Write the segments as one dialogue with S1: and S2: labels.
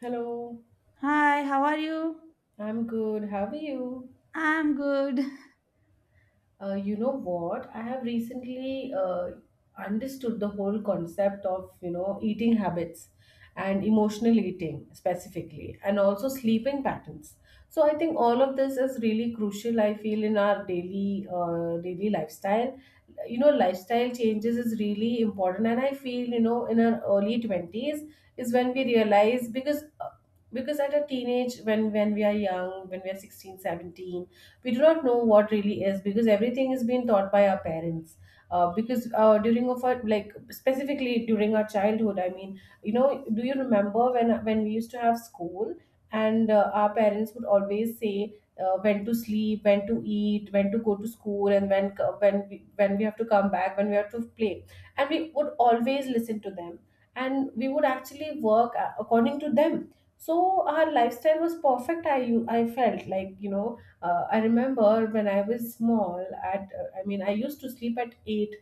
S1: Hello.
S2: Hi, how are you?
S1: I'm good. How are you?
S2: I'm good.
S1: You know what? I have recently understood the whole concept of, you know, eating habits and emotional eating specifically, and also sleeping patterns. So I think all of this is really crucial. I feel in our daily lifestyle, you know, lifestyle changes is really important. And I feel, you know, in our early 20s is when we realize because at a teenage, when we are young, when we are 16, 17, we do not know what really is, because everything is being taught by our parents, because during of our, like, specifically during our childhood, I mean, you know, do you remember when we used to have school, and our parents would always say when to sleep, when to eat, when to go to school, and when when we have to come back, when we have to play, and we would always listen to them, and we would actually work according to them. So our lifestyle was perfect. I felt like, you know, I remember when I was small, I used to sleep at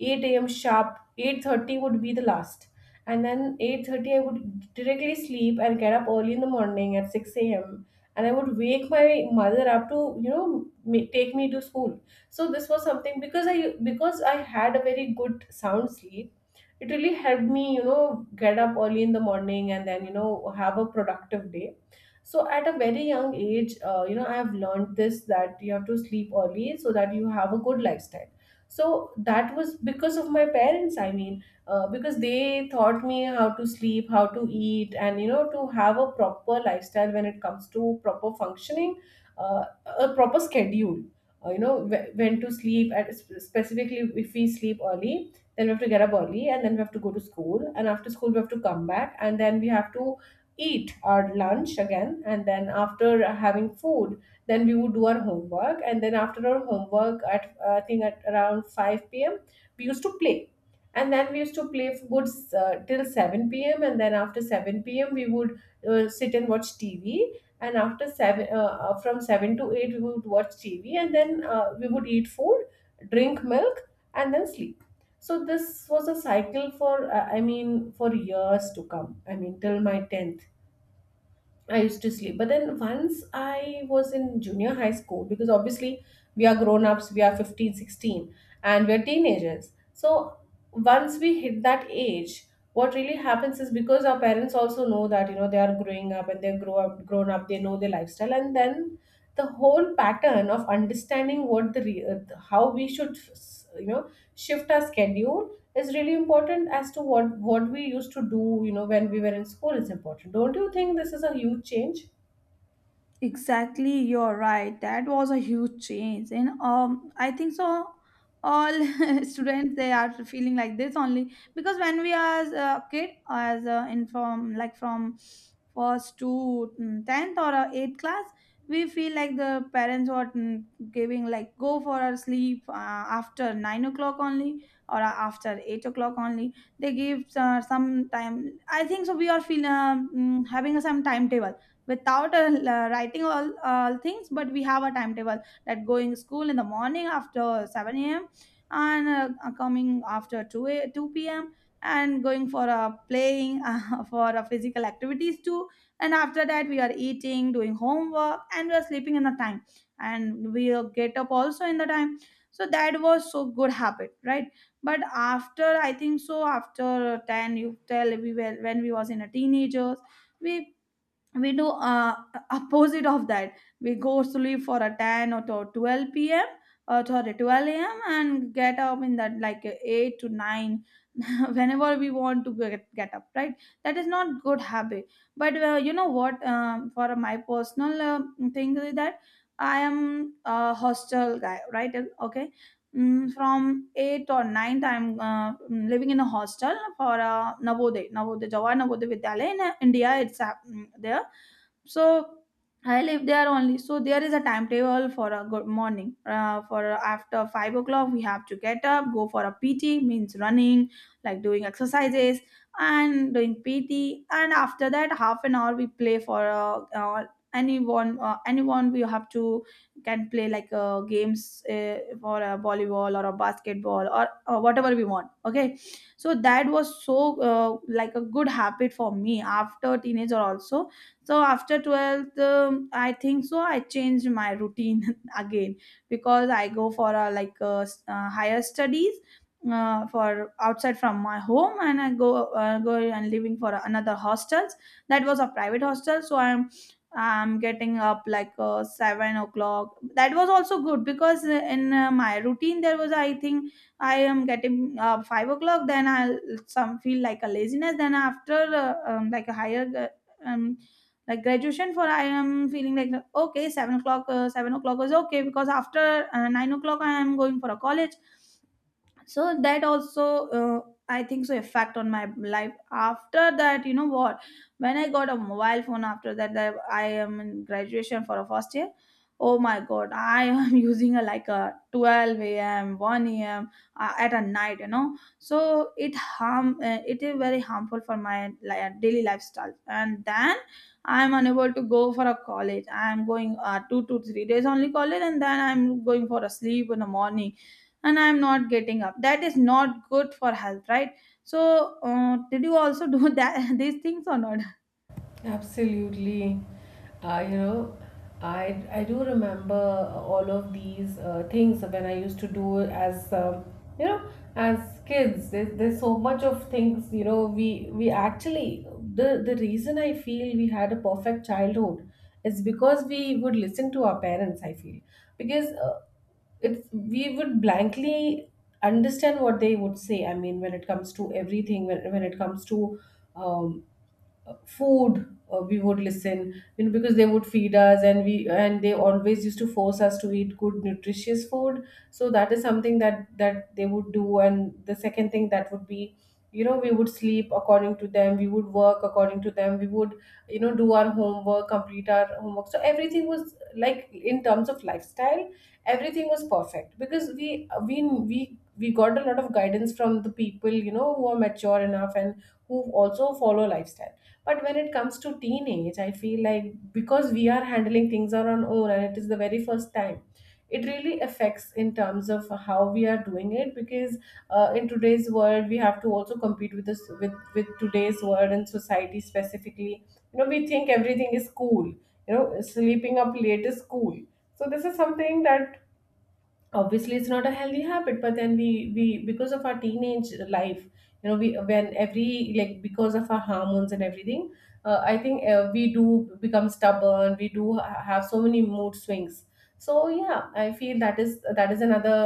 S1: 8 a.m. sharp. 8:30 would be the last, and then 8:30 I would directly sleep and get up early in the morning at 6 a.m. And I would wake my mother up to, you know, take me to school. So this was something, because I had a very good sound sleep. It really helped me, you know, get up early in the morning, and then, you know, have a productive day. So at a very young age, you know, I have learned this, that you have to sleep early so that you have a good lifestyle. So that was because of my parents. I mean, because they taught me how to sleep, how to eat, and, you know, to have a proper lifestyle when it comes to proper functioning, uh, a proper schedule, you know, when to sleep at specifically, if we sleep early, then we have to get up early, and then we have to go to school, and after school we have to come back, and then we have to eat our lunch again, and then after having food, then we would do our homework. And then after our homework, at I think at around 5 p.m, we used to play. And then we used to play for good till 7 p.m, and then after 7 p.m we would sit and watch TV. And after 7 uh, uh, from 7 to 8 we would watch TV, and then we would eat food, drink milk, and then sleep. So this was a cycle for, I mean, for years to come, I mean till my 10th I used to sleep. But then once I was in junior high school, because obviously we are grown ups, we are 15, 16, and we're teenagers. So once we hit that age, what really happens is, because our parents also know that, you know, they are growing up, and grown up, they know their lifestyle. And then the whole pattern of understanding how we should, you know, shift our schedule is really important, as to what we used to do, you know, when we were in school, is important. Don't you think this is a huge change?
S2: Exactly, you're right. That was a huge change, and I think so. All students they are feeling like this only because when we as a kid, as a, in from like from first to 10th or eighth class, we feel like the parents were giving like go for a sleep after 9 o'clock only or after 8 o'clock only. They give some time. I think so. We are feeling having a some timetable without writing all things, but we have a timetable that going school in the morning after 7 a.m, and coming after 2 p.m, and going for a playing for a physical activities too, and after that we are eating, doing homework, and we are sleeping in the time, and we get up also in the time. So that was so good habit, right? But after I think so after 10 you tell we were when we was in a teenagers, we we do opposite of that. We go sleep for a 10 or to 12 p.m or to 12 a.m, and get up in that like 8 to 9 whenever we want to get up, right? That is not good habit. But you know what, for my personal thing is that I am a hostel guy, right? Okay. Mm, from 8 or 9th I'm living in a hostel for Navodaya Jawahar Navodaya Vidyalaya in India. It's there. So I live there only, so there is a timetable for a good morning, for after 5 o'clock we have to get up, go for a PT, means running, like doing exercises and doing PT, and after that half an hour we play for anyone we have to can play like games, for a volleyball or a basketball or whatever we want, okay? So that was so like a good habit for me after teenager also. So after 12th, I think so I changed my routine again because I go for a like higher studies for outside from my home, and I go and living for another hostels. That was a private hostel, so I'm getting up like 7 o'clock. That was also good because in my routine there was I think I am getting 5 o'clock, then I'll some feel like a laziness, then after like a higher um, like graduation for I am feeling like okay, 7 o'clock is okay because after 9 o'clock I am going for a college. So that also I think so effect on my life after that, you know what, when I got a mobile phone, after that, that I am in graduation for a first year. Oh my god, I am using a like a 12 a.m, 1 a.m, at a night, you know. So it is very harmful for my daily lifestyle, and then I'm unable to go for a college, I'm going 2 to 3 days only college, and then I'm going for a sleep in the morning, and I'm not getting up. That is not good for health, right? So did you also do that these things or not?
S1: Absolutely. You know, I do remember all of these things when I used to do as, you know, as kids. There's so much of things, you know. We we actually the the reason I feel we had a perfect childhood is because we would listen to our parents. I feel, because it's, we would blankly understand what they would say. I mean, when it comes to everything, when it comes to um, food, we would listen, you know, because they would feed us, and we, and they always used to force us to eat good nutritious food. So that is something that they would do. And the second thing that would be, you know, we would sleep according to them, we would work according to them, we would, you know, do our homework, complete our homework. So everything was like, in terms of lifestyle, everything was perfect, because we got a lot of guidance from the people, you know, who are mature enough, and who also follow lifestyle. But when it comes to teenage, I feel like, because we are handling things on our own, and it is the very first time, it really affects in terms of how we are doing it. Because in today's world, we have to also compete with this, with today's world and society specifically. You know, we think everything is cool, you know, sleeping up late is cool. So this is something that, obviously, it's not a healthy habit, but then we because of our teenage life, you know, we, when, every, like, because of our hormones and everything, I think, we do become stubborn, we do have so many mood swings. So, yeah, I feel that is, that is another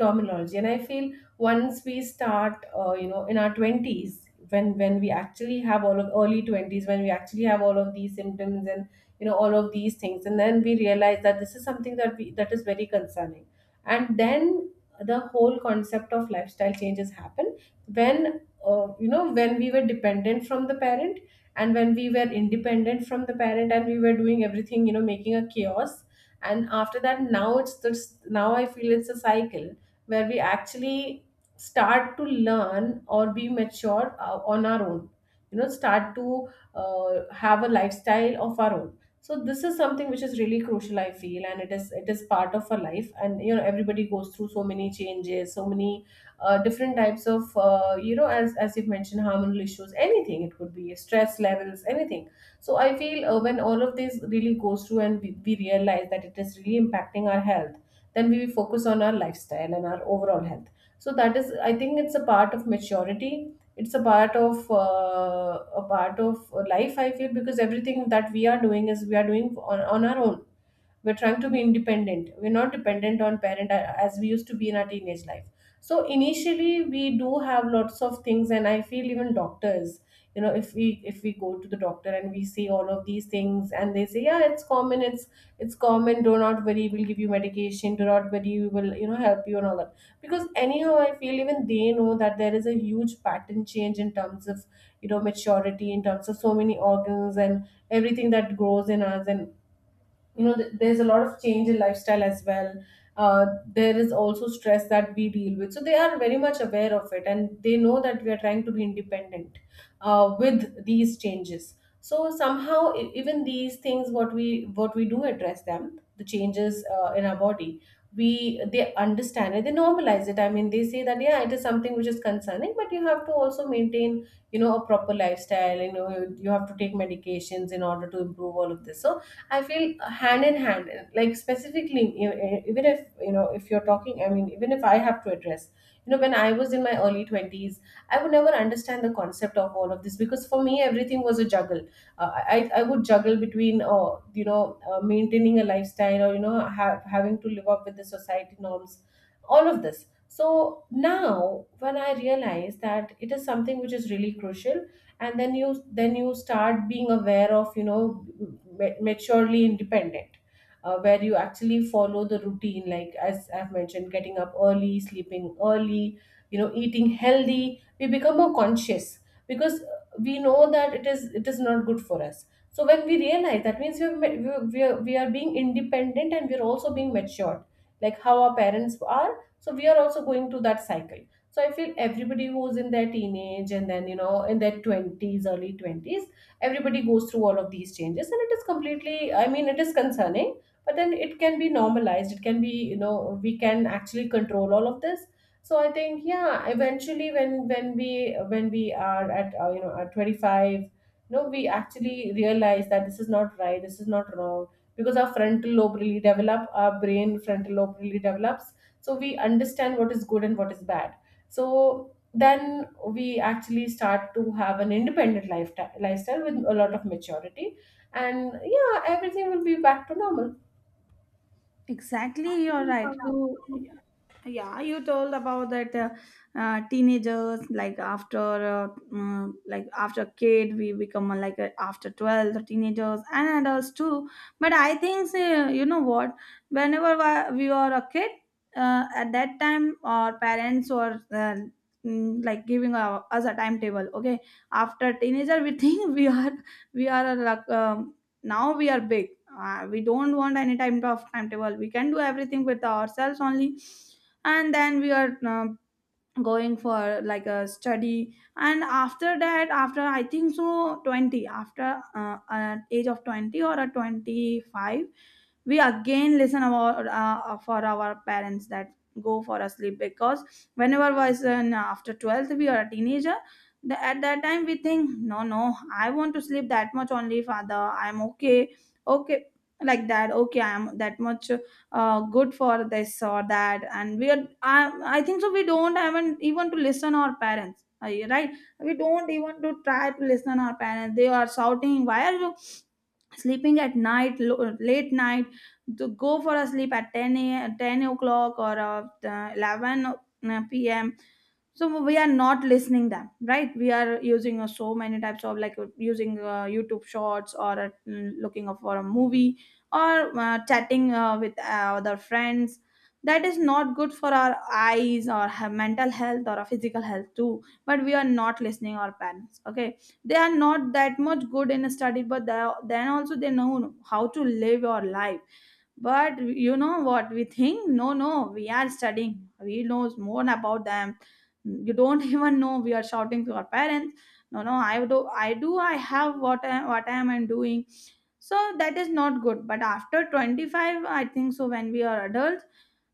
S1: terminology. And I feel, once we start, you know, in our 20s, when we actually have all of early 20s, when we actually have all of these symptoms and, you know, all of these things, and then we realize that this is something that is very concerning. And then the whole concept of lifestyle changes happen when, you know, when we were dependent from the parent, and when we were independent from the parent, and we were doing everything, you know, making a chaos. And after that, now I feel it's a cycle where we actually start to learn or be mature on our own, you know, start to have a lifestyle of our own. So this is something which is really crucial, I feel. And it is part of our life, and, you know, everybody goes through so many changes, so many different types of you know, as you've mentioned, hormonal issues, anything. It could be stress levels, anything. So I feel, when all of this really goes through, and we realize that it is really impacting our health, then we focus on our lifestyle and our overall health. So that is, I think, it's a part of maturity. It's a part of, a part of life, I feel, because everything that we are doing, is we are doing on our own. We're trying to be independent, we're not dependent on parent, as we used to be in our teenage life. So initially we do have lots of things, and I feel, even doctors, you know, if we, if we go to the doctor and we see all of these things, and they say, yeah, it's common, it's common, do not worry, we'll give you medication, do not worry, we will, you know, help you, and all that. Because anyhow I feel even they know that there is a huge pattern change in terms of, you know, maturity, in terms of so many organs and everything that grows in us. And, you know, there's a lot of change in lifestyle as well. uh, there is also stress that we deal with. So they are very much aware of it, and they know that we are trying to be independent with these changes. So somehow, even these things, what we do, address them, the changes in our body. We they understand it, they normalize it. I mean, they say that, yeah, it is something which is concerning, but you have to also maintain, you know, a proper lifestyle. You know, you have to take medications in order to improve all of this. So I feel, hand in hand, like specifically, you know, even if, you know, if you're talking, I mean, even if I have to address, you know, when I was in my early 20s, I would never understand the concept of all of this, because for me, everything was a juggle. I would juggle between, you know, maintaining a lifestyle, or, you know, having to live up with the society norms, all of this. So now, when I realize that it is something which is really crucial, and then you start being aware of, you know, maturely independent, where you actually follow the routine, like as I've mentioned, getting up early, sleeping early, you know, eating healthy. We become more conscious because we know that it is not good for us. So when we realize that, means we are, we are being independent and we are also being matured like how our parents are. So we are also going through that cycle. So I feel everybody who's in their teenage and then, you know, in their 20s, early 20s, everybody goes through all of these changes. And it is completely, I mean, it is concerning, but then it can be normalized. It can be, you know, we can actually control all of this. So I think, yeah, eventually when, when we are at, you know, at 25, you know, we actually realize that this is not right, this is not wrong, because our frontal lobe really develop, our brain frontal lobe really develops. So we understand what is good and what is bad. So then we actually start to have an independent lifetime, lifestyle with a lot of maturity. And yeah, everything will be back to normal.
S2: Exactly, you're right, so. Yeah, you told about that teenagers like after like after kid we become like after 12 the teenagers and adults too. But I think you know what, whenever we were a kid, at that time our parents were like giving us a timetable, okay? After teenager we think we are like now we are big. We don't want any type of timetable, we can do everything with ourselves only, and then we are going for like a study. And after that, after I think so 20, after an age of 20 or a 25, we again listen our for our parents that go for a sleep because whenever was an after 12th we are a teenager. At that time we think no, no, I want to sleep that much only, father, I'm okay. Okay. Like that, okay, I'm that much good for this or that. And I think so we don't even to listen our parents, right? We don't even to try to listen our parents, they are shouting, why are you sleeping at night, late night, to go for a sleep at 10 o'clock or 11 p.m. So we are not listening them, right? We are using so many types of like using YouTube shorts, or looking for a movie, or chatting with other friends. That is not good for our eyes or her mental health or our physical health too, but we are not listening our parents, okay? They are not that much good in a study, but they are, then also they know how to live your life. But you know what, we think no, no, we are studying, we know more about them. You don't even know, we are shouting to our parents, no, no, I do, I have what, what I'm doing. So that is not good. But after 25 I think so when we are adults,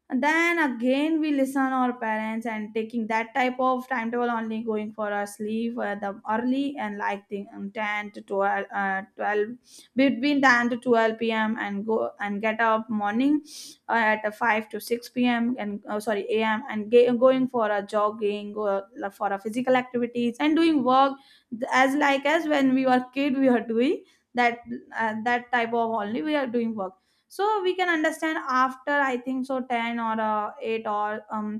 S2: and then again we listen our parents and taking that type of timetable only, going for our sleep, the early, and like the 12 between 10 to 12 p.m, and go and get up morning at 5 to 6 p.m and oh, sorry, a.m, and going for a jogging or for a physical activities, and doing work as like as when we were kid we were doing that, that type of only we are doing work. So we can understand after I think so 10 or 8 or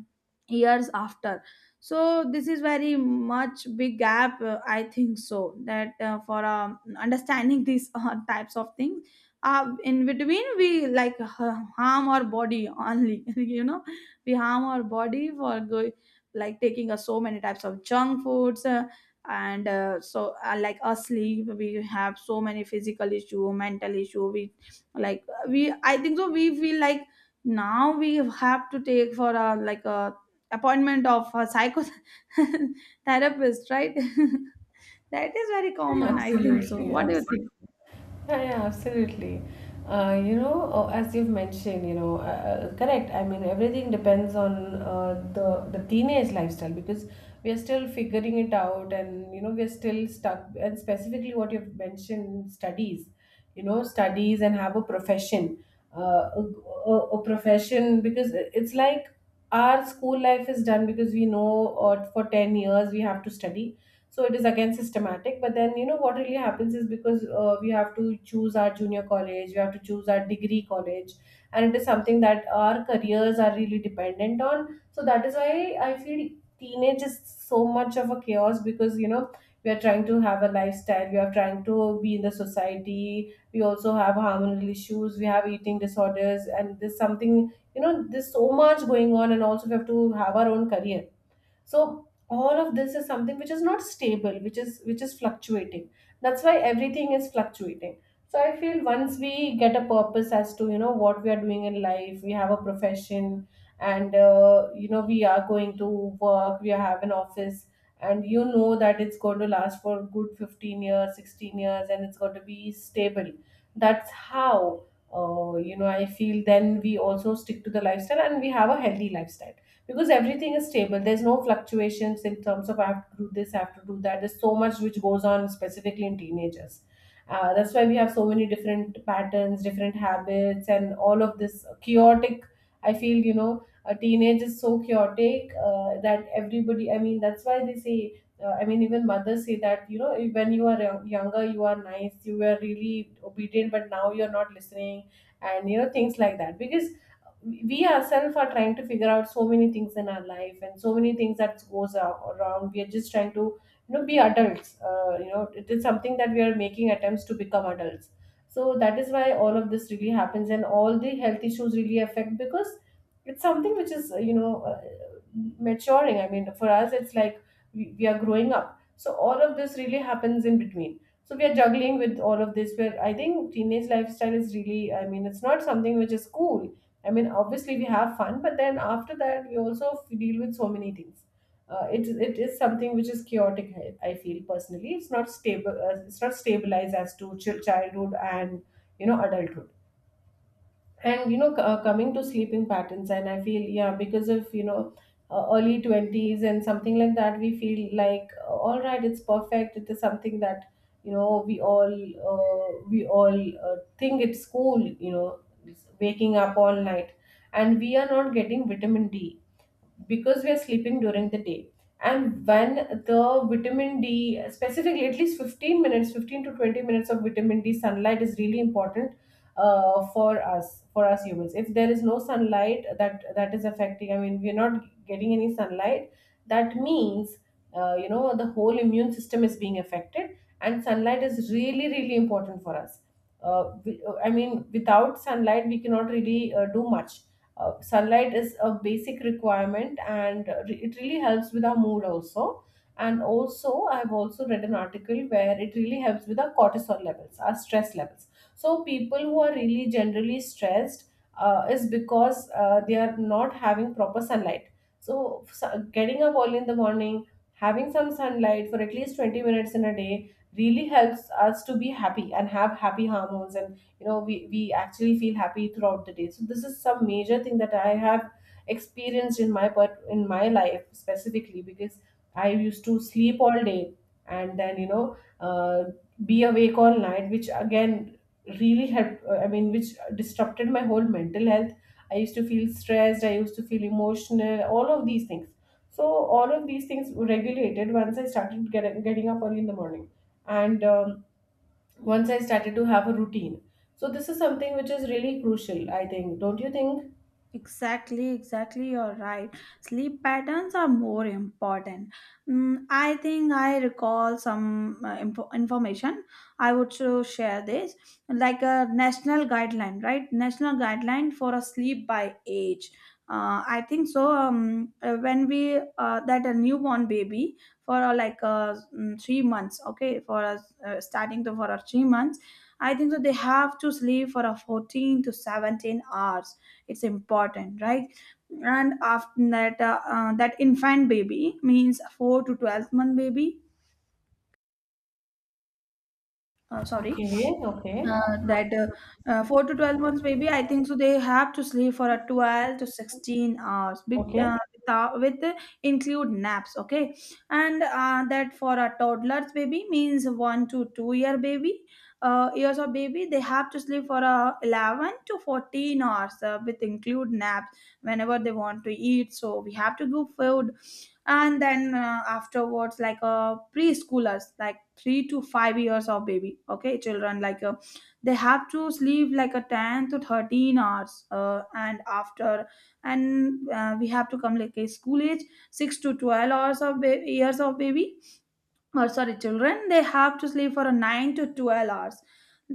S2: years after, so this is very much big gap, I think so that for understanding these types of things, in between we like harm our body only you know. We harm our body for like taking so many types of junk foods, and so like asleep we have so many physical issue, mental issue, we like we I think so we feel like now we have to take for a like a appointment of a psychotherapist right? That is very common, I think so,
S1: Absolutely,
S2: what do you
S1: absolutely.
S2: think?
S1: Yeah, yeah, absolutely. You know, as you've mentioned, you know, correct. I mean, everything depends on, the teenage lifestyle, because we are still figuring it out, and you know, we're still stuck. And specifically, what you've mentioned, studies, you know, studies and have a profession, uh, a, a profession, because it's like our school life is done, because we know, or for 10 years we have to study. So it is again systematic, but then you know what really happens is because, we have to choose our junior college, we have to choose our degree college, and it is something that our careers are really dependent on. So that is why I feel teenage is so much of a chaos, because, you know, we are trying to have a lifestyle, we are trying to be in the society, we also have hormonal issues, we have eating disorders, and there's something, you know, there's so much going on, and also we have to have our own career. So all of this is something which is not stable, which is fluctuating. That's why everything is fluctuating. So I feel, once we get a purpose as to, you know, what we are doing in life, we have a profession, and you know, we are going to work, we have an office, and you know that it's going to last for good 15 years, 16 years, and it's going to be stable. That's how, you know, I feel then we also stick to the lifestyle, and we have a healthy lifestyle, because everything is stable, there's no fluctuations in terms of I have to do this, I have to do that. There's so much which goes on specifically in teenagers, that's why we have so many different patterns, different habits, and all of this chaotic. I feel, you know, a teenage is so chaotic, that everybody, I mean, that's why they say, I mean, even mothers say that, you know, when you are young, younger, you are nice, you were really obedient, but now you're not listening, and, you know, things like that. Because we ourselves are trying to figure out so many things in our life, and so many things that goes around, we are just trying to, you know, be adults. You know, it is something that we are making attempts to become adults. So that is why all of this really happens, and all the health issues really affect, because it's something which is, you know, maturing. I mean, for us it's like we are growing up, so all of this really happens in between. So we are juggling with all of this, where I think teenage lifestyle is really, I mean, it's not something which is cool. I mean, obviously we have fun, but then after that we also deal with so many things. It is something which is chaotic. I feel personally, it's not stable. It's not stabilized as to childhood and, you know, adulthood. And you know, coming to sleeping patterns, and I feel, yeah, because of, you know, early 20s and something like that, we feel like, all right, it's perfect. It is something that, you know, we all think it's cool, you know, waking up all night, and we are not getting vitamin D, because we are sleeping during the day. And when the vitamin D specifically, at least 15 minutes, 15 to 20 minutes of vitamin D sunlight is really important, for us, for us humans. If there is no sunlight, that is affecting, I mean, we're not getting any sunlight, that means, you know, the whole immune system is being affected. And sunlight is really really important for us. I mean, without sunlight, we cannot really do much. Sunlight is a basic requirement, and it really helps with our mood also. And also, I've also read an article where it really helps with our cortisol levels, our stress levels. So people who are really generally stressed, is because, they are not having proper sunlight. So getting up early in the morning, having some sunlight for at least 20 minutes in a day really helps us to be happy and have happy hormones, and you know, we actually feel happy throughout the day. So this is some major thing that I have experienced in my part, in my life, specifically because I used to sleep all day, and then you know, be awake all night, which again really helped, I mean, which disrupted my whole mental health. I used to feel stressed, I used to feel emotional, all of these things. So all of these things were regulated once I started getting up early in the morning, and once I started to have a routine. So this is something which is really crucial, I think. Don't you think?
S2: Exactly, exactly, you're right. Sleep patterns are more important. Mm, I think I recall some information. I would to share this like a national guideline, right? National guideline for a sleep by age. I think so. When we that a newborn baby for like 3 months, okay, for us starting to for 3 months, I think so they have to sleep for a 14 to 17 hours, it's important, right? And after that that infant baby means 4 to 12 month baby, sorry.
S1: Okay, okay.
S2: That 4 to 12 months baby I think so they have to sleep for a 12 to 16 hours with,
S1: Okay.
S2: with include naps, okay. And that for a toddler's baby means 1 to 2 year baby, years of baby, they have to sleep for 11 to 14 hours with include naps whenever they want to eat, so we have to give food. And then afterwards, like preschoolers like 3 to 5 years of baby, okay, children, like they have to sleep like a 10 to 13 hours, and after, and we have to come like a school age, 6 to 12 hours of years of baby, or sorry, children, they have to sleep for a 9 to 12 hours.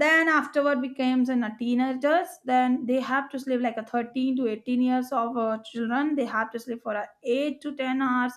S2: Then afterward becomes in a teenagers, then they have to sleep like a 13 to 18 years of children, they have to sleep for a 8 to 10 hours.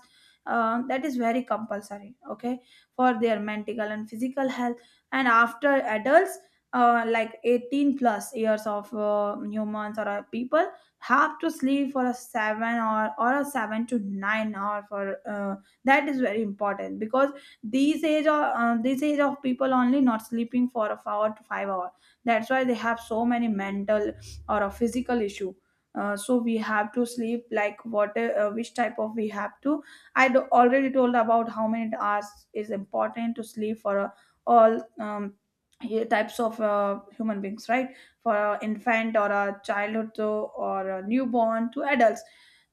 S2: That is very compulsory, okay, for their mental and physical health. And after adults, like 18 plus years of humans or people have to sleep for a 7 or a 7 to 9 hour for that is very important because these age of this age of people only not sleeping for a 4 to 5 hour, that's why they have so many mental or a physical issue. So we have to sleep like what which type of we have to. I already told about how many hours is important to sleep for all types of human beings, right? For a infant or a childhood to, or a newborn to adults,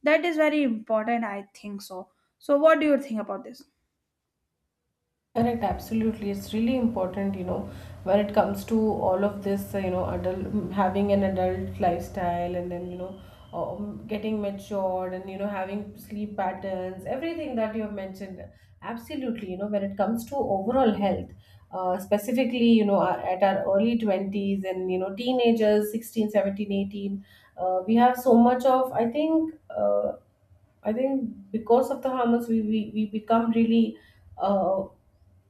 S2: that is very important, I think so. So what do you think about this?
S1: Correct, absolutely. It's really important, you know, when it comes to all of this, you know, adult, having an adult lifestyle, and then, you know, getting matured, and, you know, having sleep patterns, everything that you have mentioned. Absolutely, you know, when it comes to overall health, specifically, you know, our, at our early 20s, and, you know, teenagers, 16, 17, 18, we have so much of, I think because of the hormones, we become really. Uh,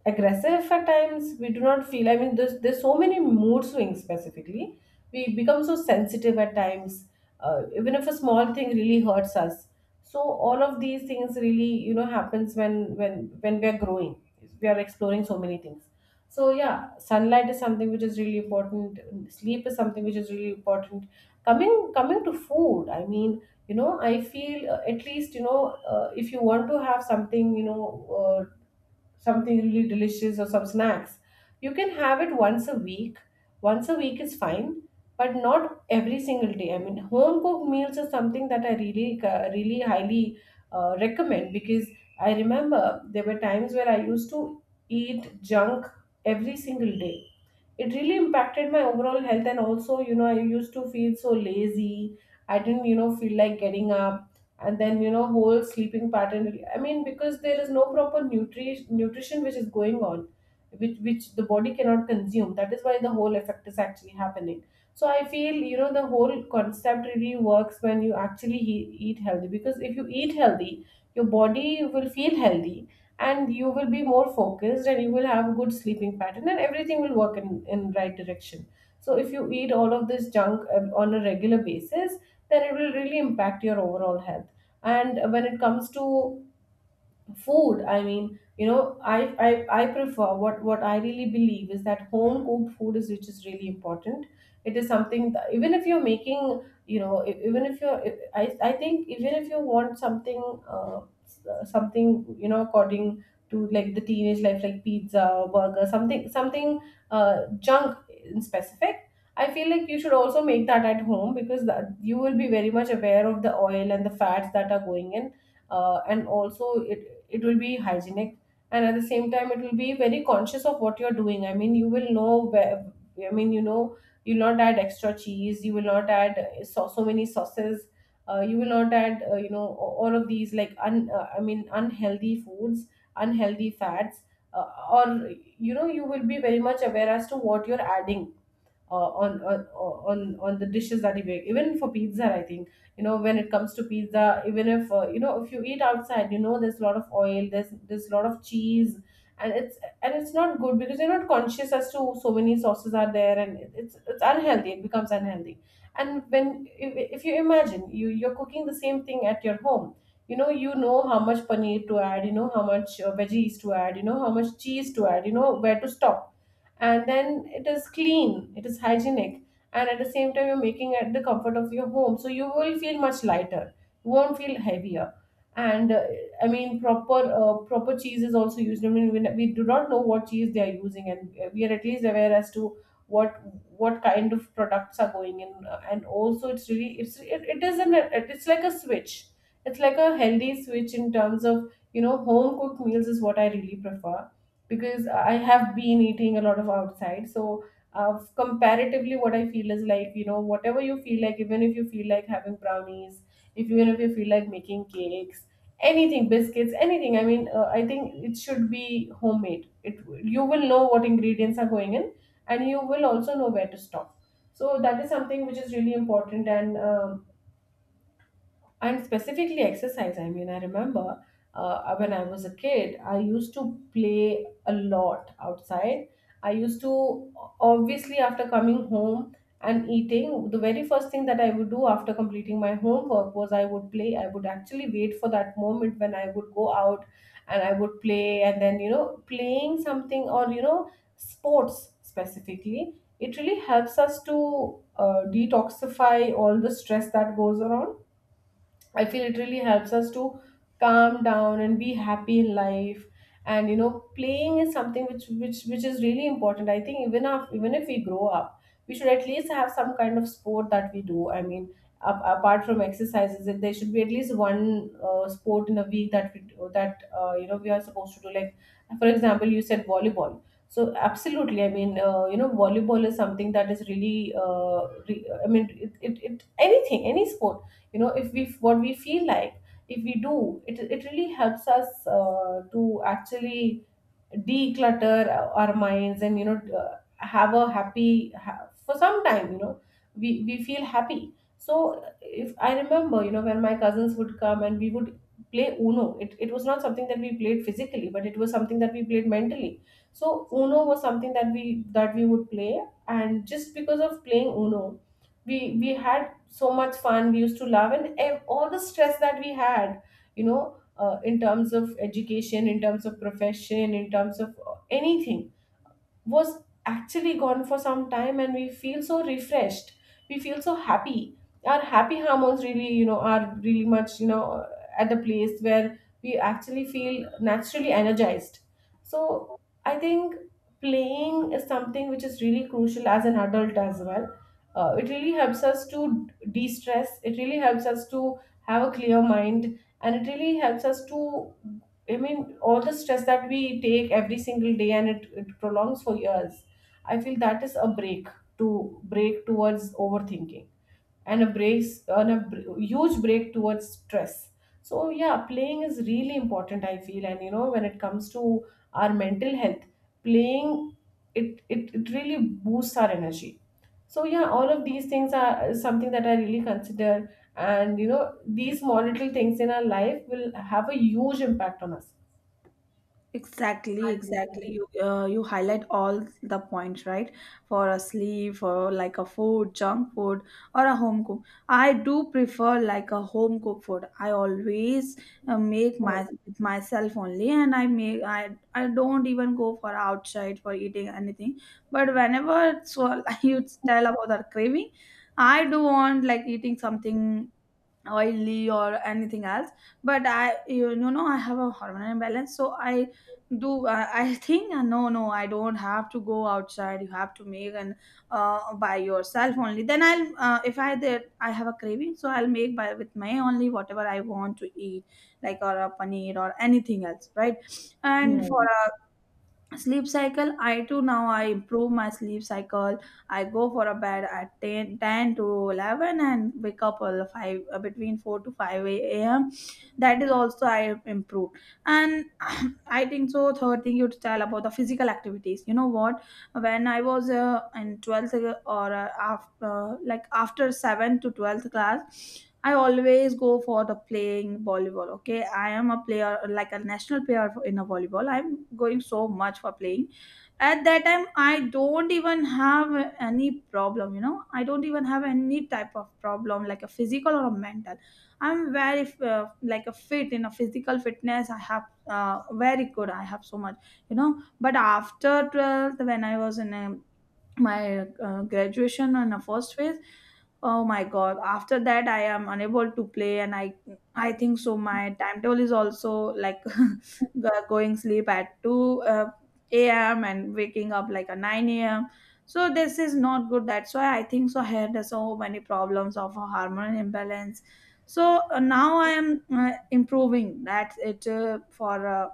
S1: Aggressive at times, we do not feel, I mean, there's so many mood swings, specifically we become so sensitive at times, even if a small thing really hurts us. So all of these things really, you know, happens when when we are growing, we are exploring so many things. So yeah, sunlight is something which is really important, sleep is something which is really important. Coming to food, I mean, you know, I feel, at least, you know, if you want to have something, you know, uh, something really delicious or some snacks. You can have it once a week. Once a week is fine, but not every single day. I mean, home cooked meals is something that I really, really highly recommend, because I remember there were times where I used to eat junk every single day. It really impacted my overall health, and also you know, I used to feel so lazy, I didn't, you know, feel like getting up, and then you know, whole sleeping pattern, I mean, because there is no proper nutrition which is going on, which the body cannot consume. That is why the whole effect is actually happening. So I feel, you know, the whole concept really works when you actually eat healthy, because if you eat healthy, your body will feel healthy, and you will be more focused, and you will have a good sleeping pattern, and everything will work in right direction. So if you eat all of this junk, on a regular basis, then it will really impact your overall health. And when it comes to food, I mean, you know, I prefer, what I really believe is that home cooked food is which is really important. It is something that, even if you're making, you know, even if you're e, I think, even if you want something, uh, something, you know, according to like the teenage life, like pizza or burger, something junk in specific, I feel like you should also make that at home, because that, you will be very much aware of the oil and the fats that are going in, and also it will be hygienic, and at the same time it will be very Conscious of what you're doing. You will know where. You'll not add extra cheese, you will not add so many sauces. You will not add all of these like un, I mean unhealthy foods, unhealthy fats, or, you know, you will be very much aware as to what you're adding on the dishes that you make. Even for pizza, I think, you know, when it comes to pizza, even if, if you eat outside, you know, there's a lot of oil, there's a lot of cheese, and it's, and it's not good because you're not conscious as to so many sauces are there, and it's unhealthy, it becomes unhealthy. And when if you imagine you're cooking the same thing at your home, you know, you know how much paneer to add, you know how much veggies to add, you know how much cheese to add, you know where to stop. And then it is clean, it is hygienic. And at the same time, you're making at the comfort of your home, so you will feel much lighter, you won't feel heavier. And I mean, proper proper cheese is also used. I mean, we do not know what cheese they are using, and we are at least aware as to what what kind of products are going in. And also, it's really, it is an it's like a switch. It's like a healthy switch. In terms of, you know, home cooked meals is what I really prefer, because I have been eating a lot of outside. So comparatively, what I feel is like, you know, whatever you feel like, even if you feel like having brownies, if even if you feel like making cakes, anything, biscuits, anything. I think it should be homemade. It You will know what ingredients are going in, and you will also know where to stop. So that is something which is really important. And specifically exercise, I mean, I remember, when I was a kid, I used to play a lot outside. I used to, obviously, after coming home and eating, the very first thing that I would do after completing my homework was I would play. I would actually wait for that moment when I would go out and I would play. And then, you know, playing something, or, you know, sports specifically, it really helps us to detoxify all the stress that goes around. I feel it really helps us to calm down and be happy in life. And you know, playing is something which which is really important. I think, even if we grow up, we should at least have some kind of sport that we do. I mean, apart from exercises, there should be at least one sport in a week that we do, that, you know, we are supposed to do. Like, for example, you said volleyball. So absolutely. I mean, you know, volleyball is something that is really, I mean, it anything, any sport, you know, if we, what we feel like, if we do it, it really helps us to actually declutter our minds. And you know, have a for some time, you know, we feel happy. So if I remember, you know, when my cousins would come, and we would play uno, it was not something that we played physically, but it was something that we played mentally. So uno was something that we would play. And just because of playing uno, we had so much fun. We used to laugh, and all the stress that we had, you know, in terms of education, in terms of profession, in terms of anything, was actually gone for some time. And we feel so refreshed, we feel so happy. Our happy hormones really, you know, are really much, you know, at the place where we actually feel naturally energized. So I think playing is something which is really crucial as an adult as well. It really helps us to de-stress, it really helps us to have a clear mind, and it really helps us to, I mean, all the stress that we take every single day, and it prolongs for years, I feel that is a break, to break towards overthinking, and a brace and a br- huge break towards stress. So yeah, playing is really important, I feel. And you know, when it comes to our mental health, playing, it really boosts our energy. So yeah, all of these things are something that I really consider. And you know, these small little things in our life will have a huge impact on us.
S2: Exactly, exactly. You you highlight all the points, right? For a sleep, for like a food, junk food, or a home cook. I do prefer like a home cook food. I always make my with myself only, and I make I don't even go for outside for eating anything. But whenever so you tell about the craving, I do want like eating something oily or anything else. But I no, I have a hormonal imbalance, so I think, no, I don't have to go outside. You have to make, and by yourself only. Then I'll if I there, I have a craving, so I'll make by with my only whatever I want to eat, like or a paneer or anything else, right?
S1: Yeah,
S2: And for sleep cycle, I too, now I improve my sleep cycle. I go for a bed at ten to 11 and wake up all 5, between 4 to 5 a.m. That is also I have improved. And I think so third thing you tell about the physical activities. You know what, when I was in 12th or after like after 7 to 12th class, I always go for the playing volleyball. Okay, I am a player, like a national player in a volleyball. I'm going so much for playing. At that time, I don't even have any problem. You know, I don't even have any type of problem, like a physical or a mental. I'm very like a fit in a physical fitness. I have very good. I have so much. You know, but after 12th, when I was in a my graduation in the first phase, oh my god, after that I am unable to play. And I think so my timetable is also like going sleep at 2 a.m. and waking up like a 9 a.m. So this is not good. That's why I think so here there's so many problems of a hormone imbalance. So now I am improving. That's it. For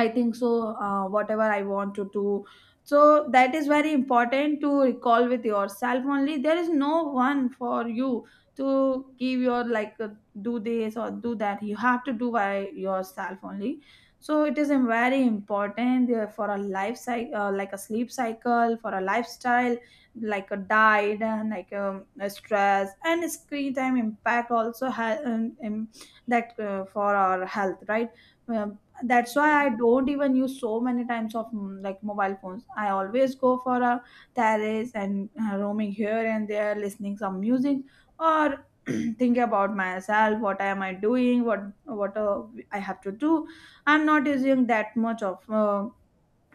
S2: I think so, whatever I want to do. So that is very important to recall with yourself only. There is no one for you to give your like do this or do that. You have to do by yourself only. So it is a very important for a life cycle, like a sleep cycle, for a lifestyle, like a diet and like a stress and screen time impact also that for our health, right? Um, that's why I don't even use so many times of like mobile phones. I always go for a terrace and roaming here and there, listening some music or thinking about myself. What am I doing? What I have to do? I'm not using that much of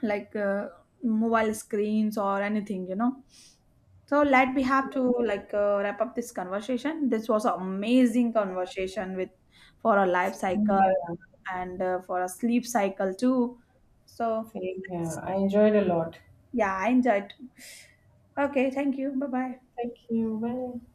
S2: like uh, mobile screens or anything, you know. So let we have to like wrap up this conversation. This was an amazing conversation with for a life
S1: same
S2: cycle
S1: here,
S2: and for a sleep cycle too. So
S1: same here. I enjoyed a lot.
S2: yeah, I enjoyed. Okay, thank you, bye bye.
S1: Thank you. Bye.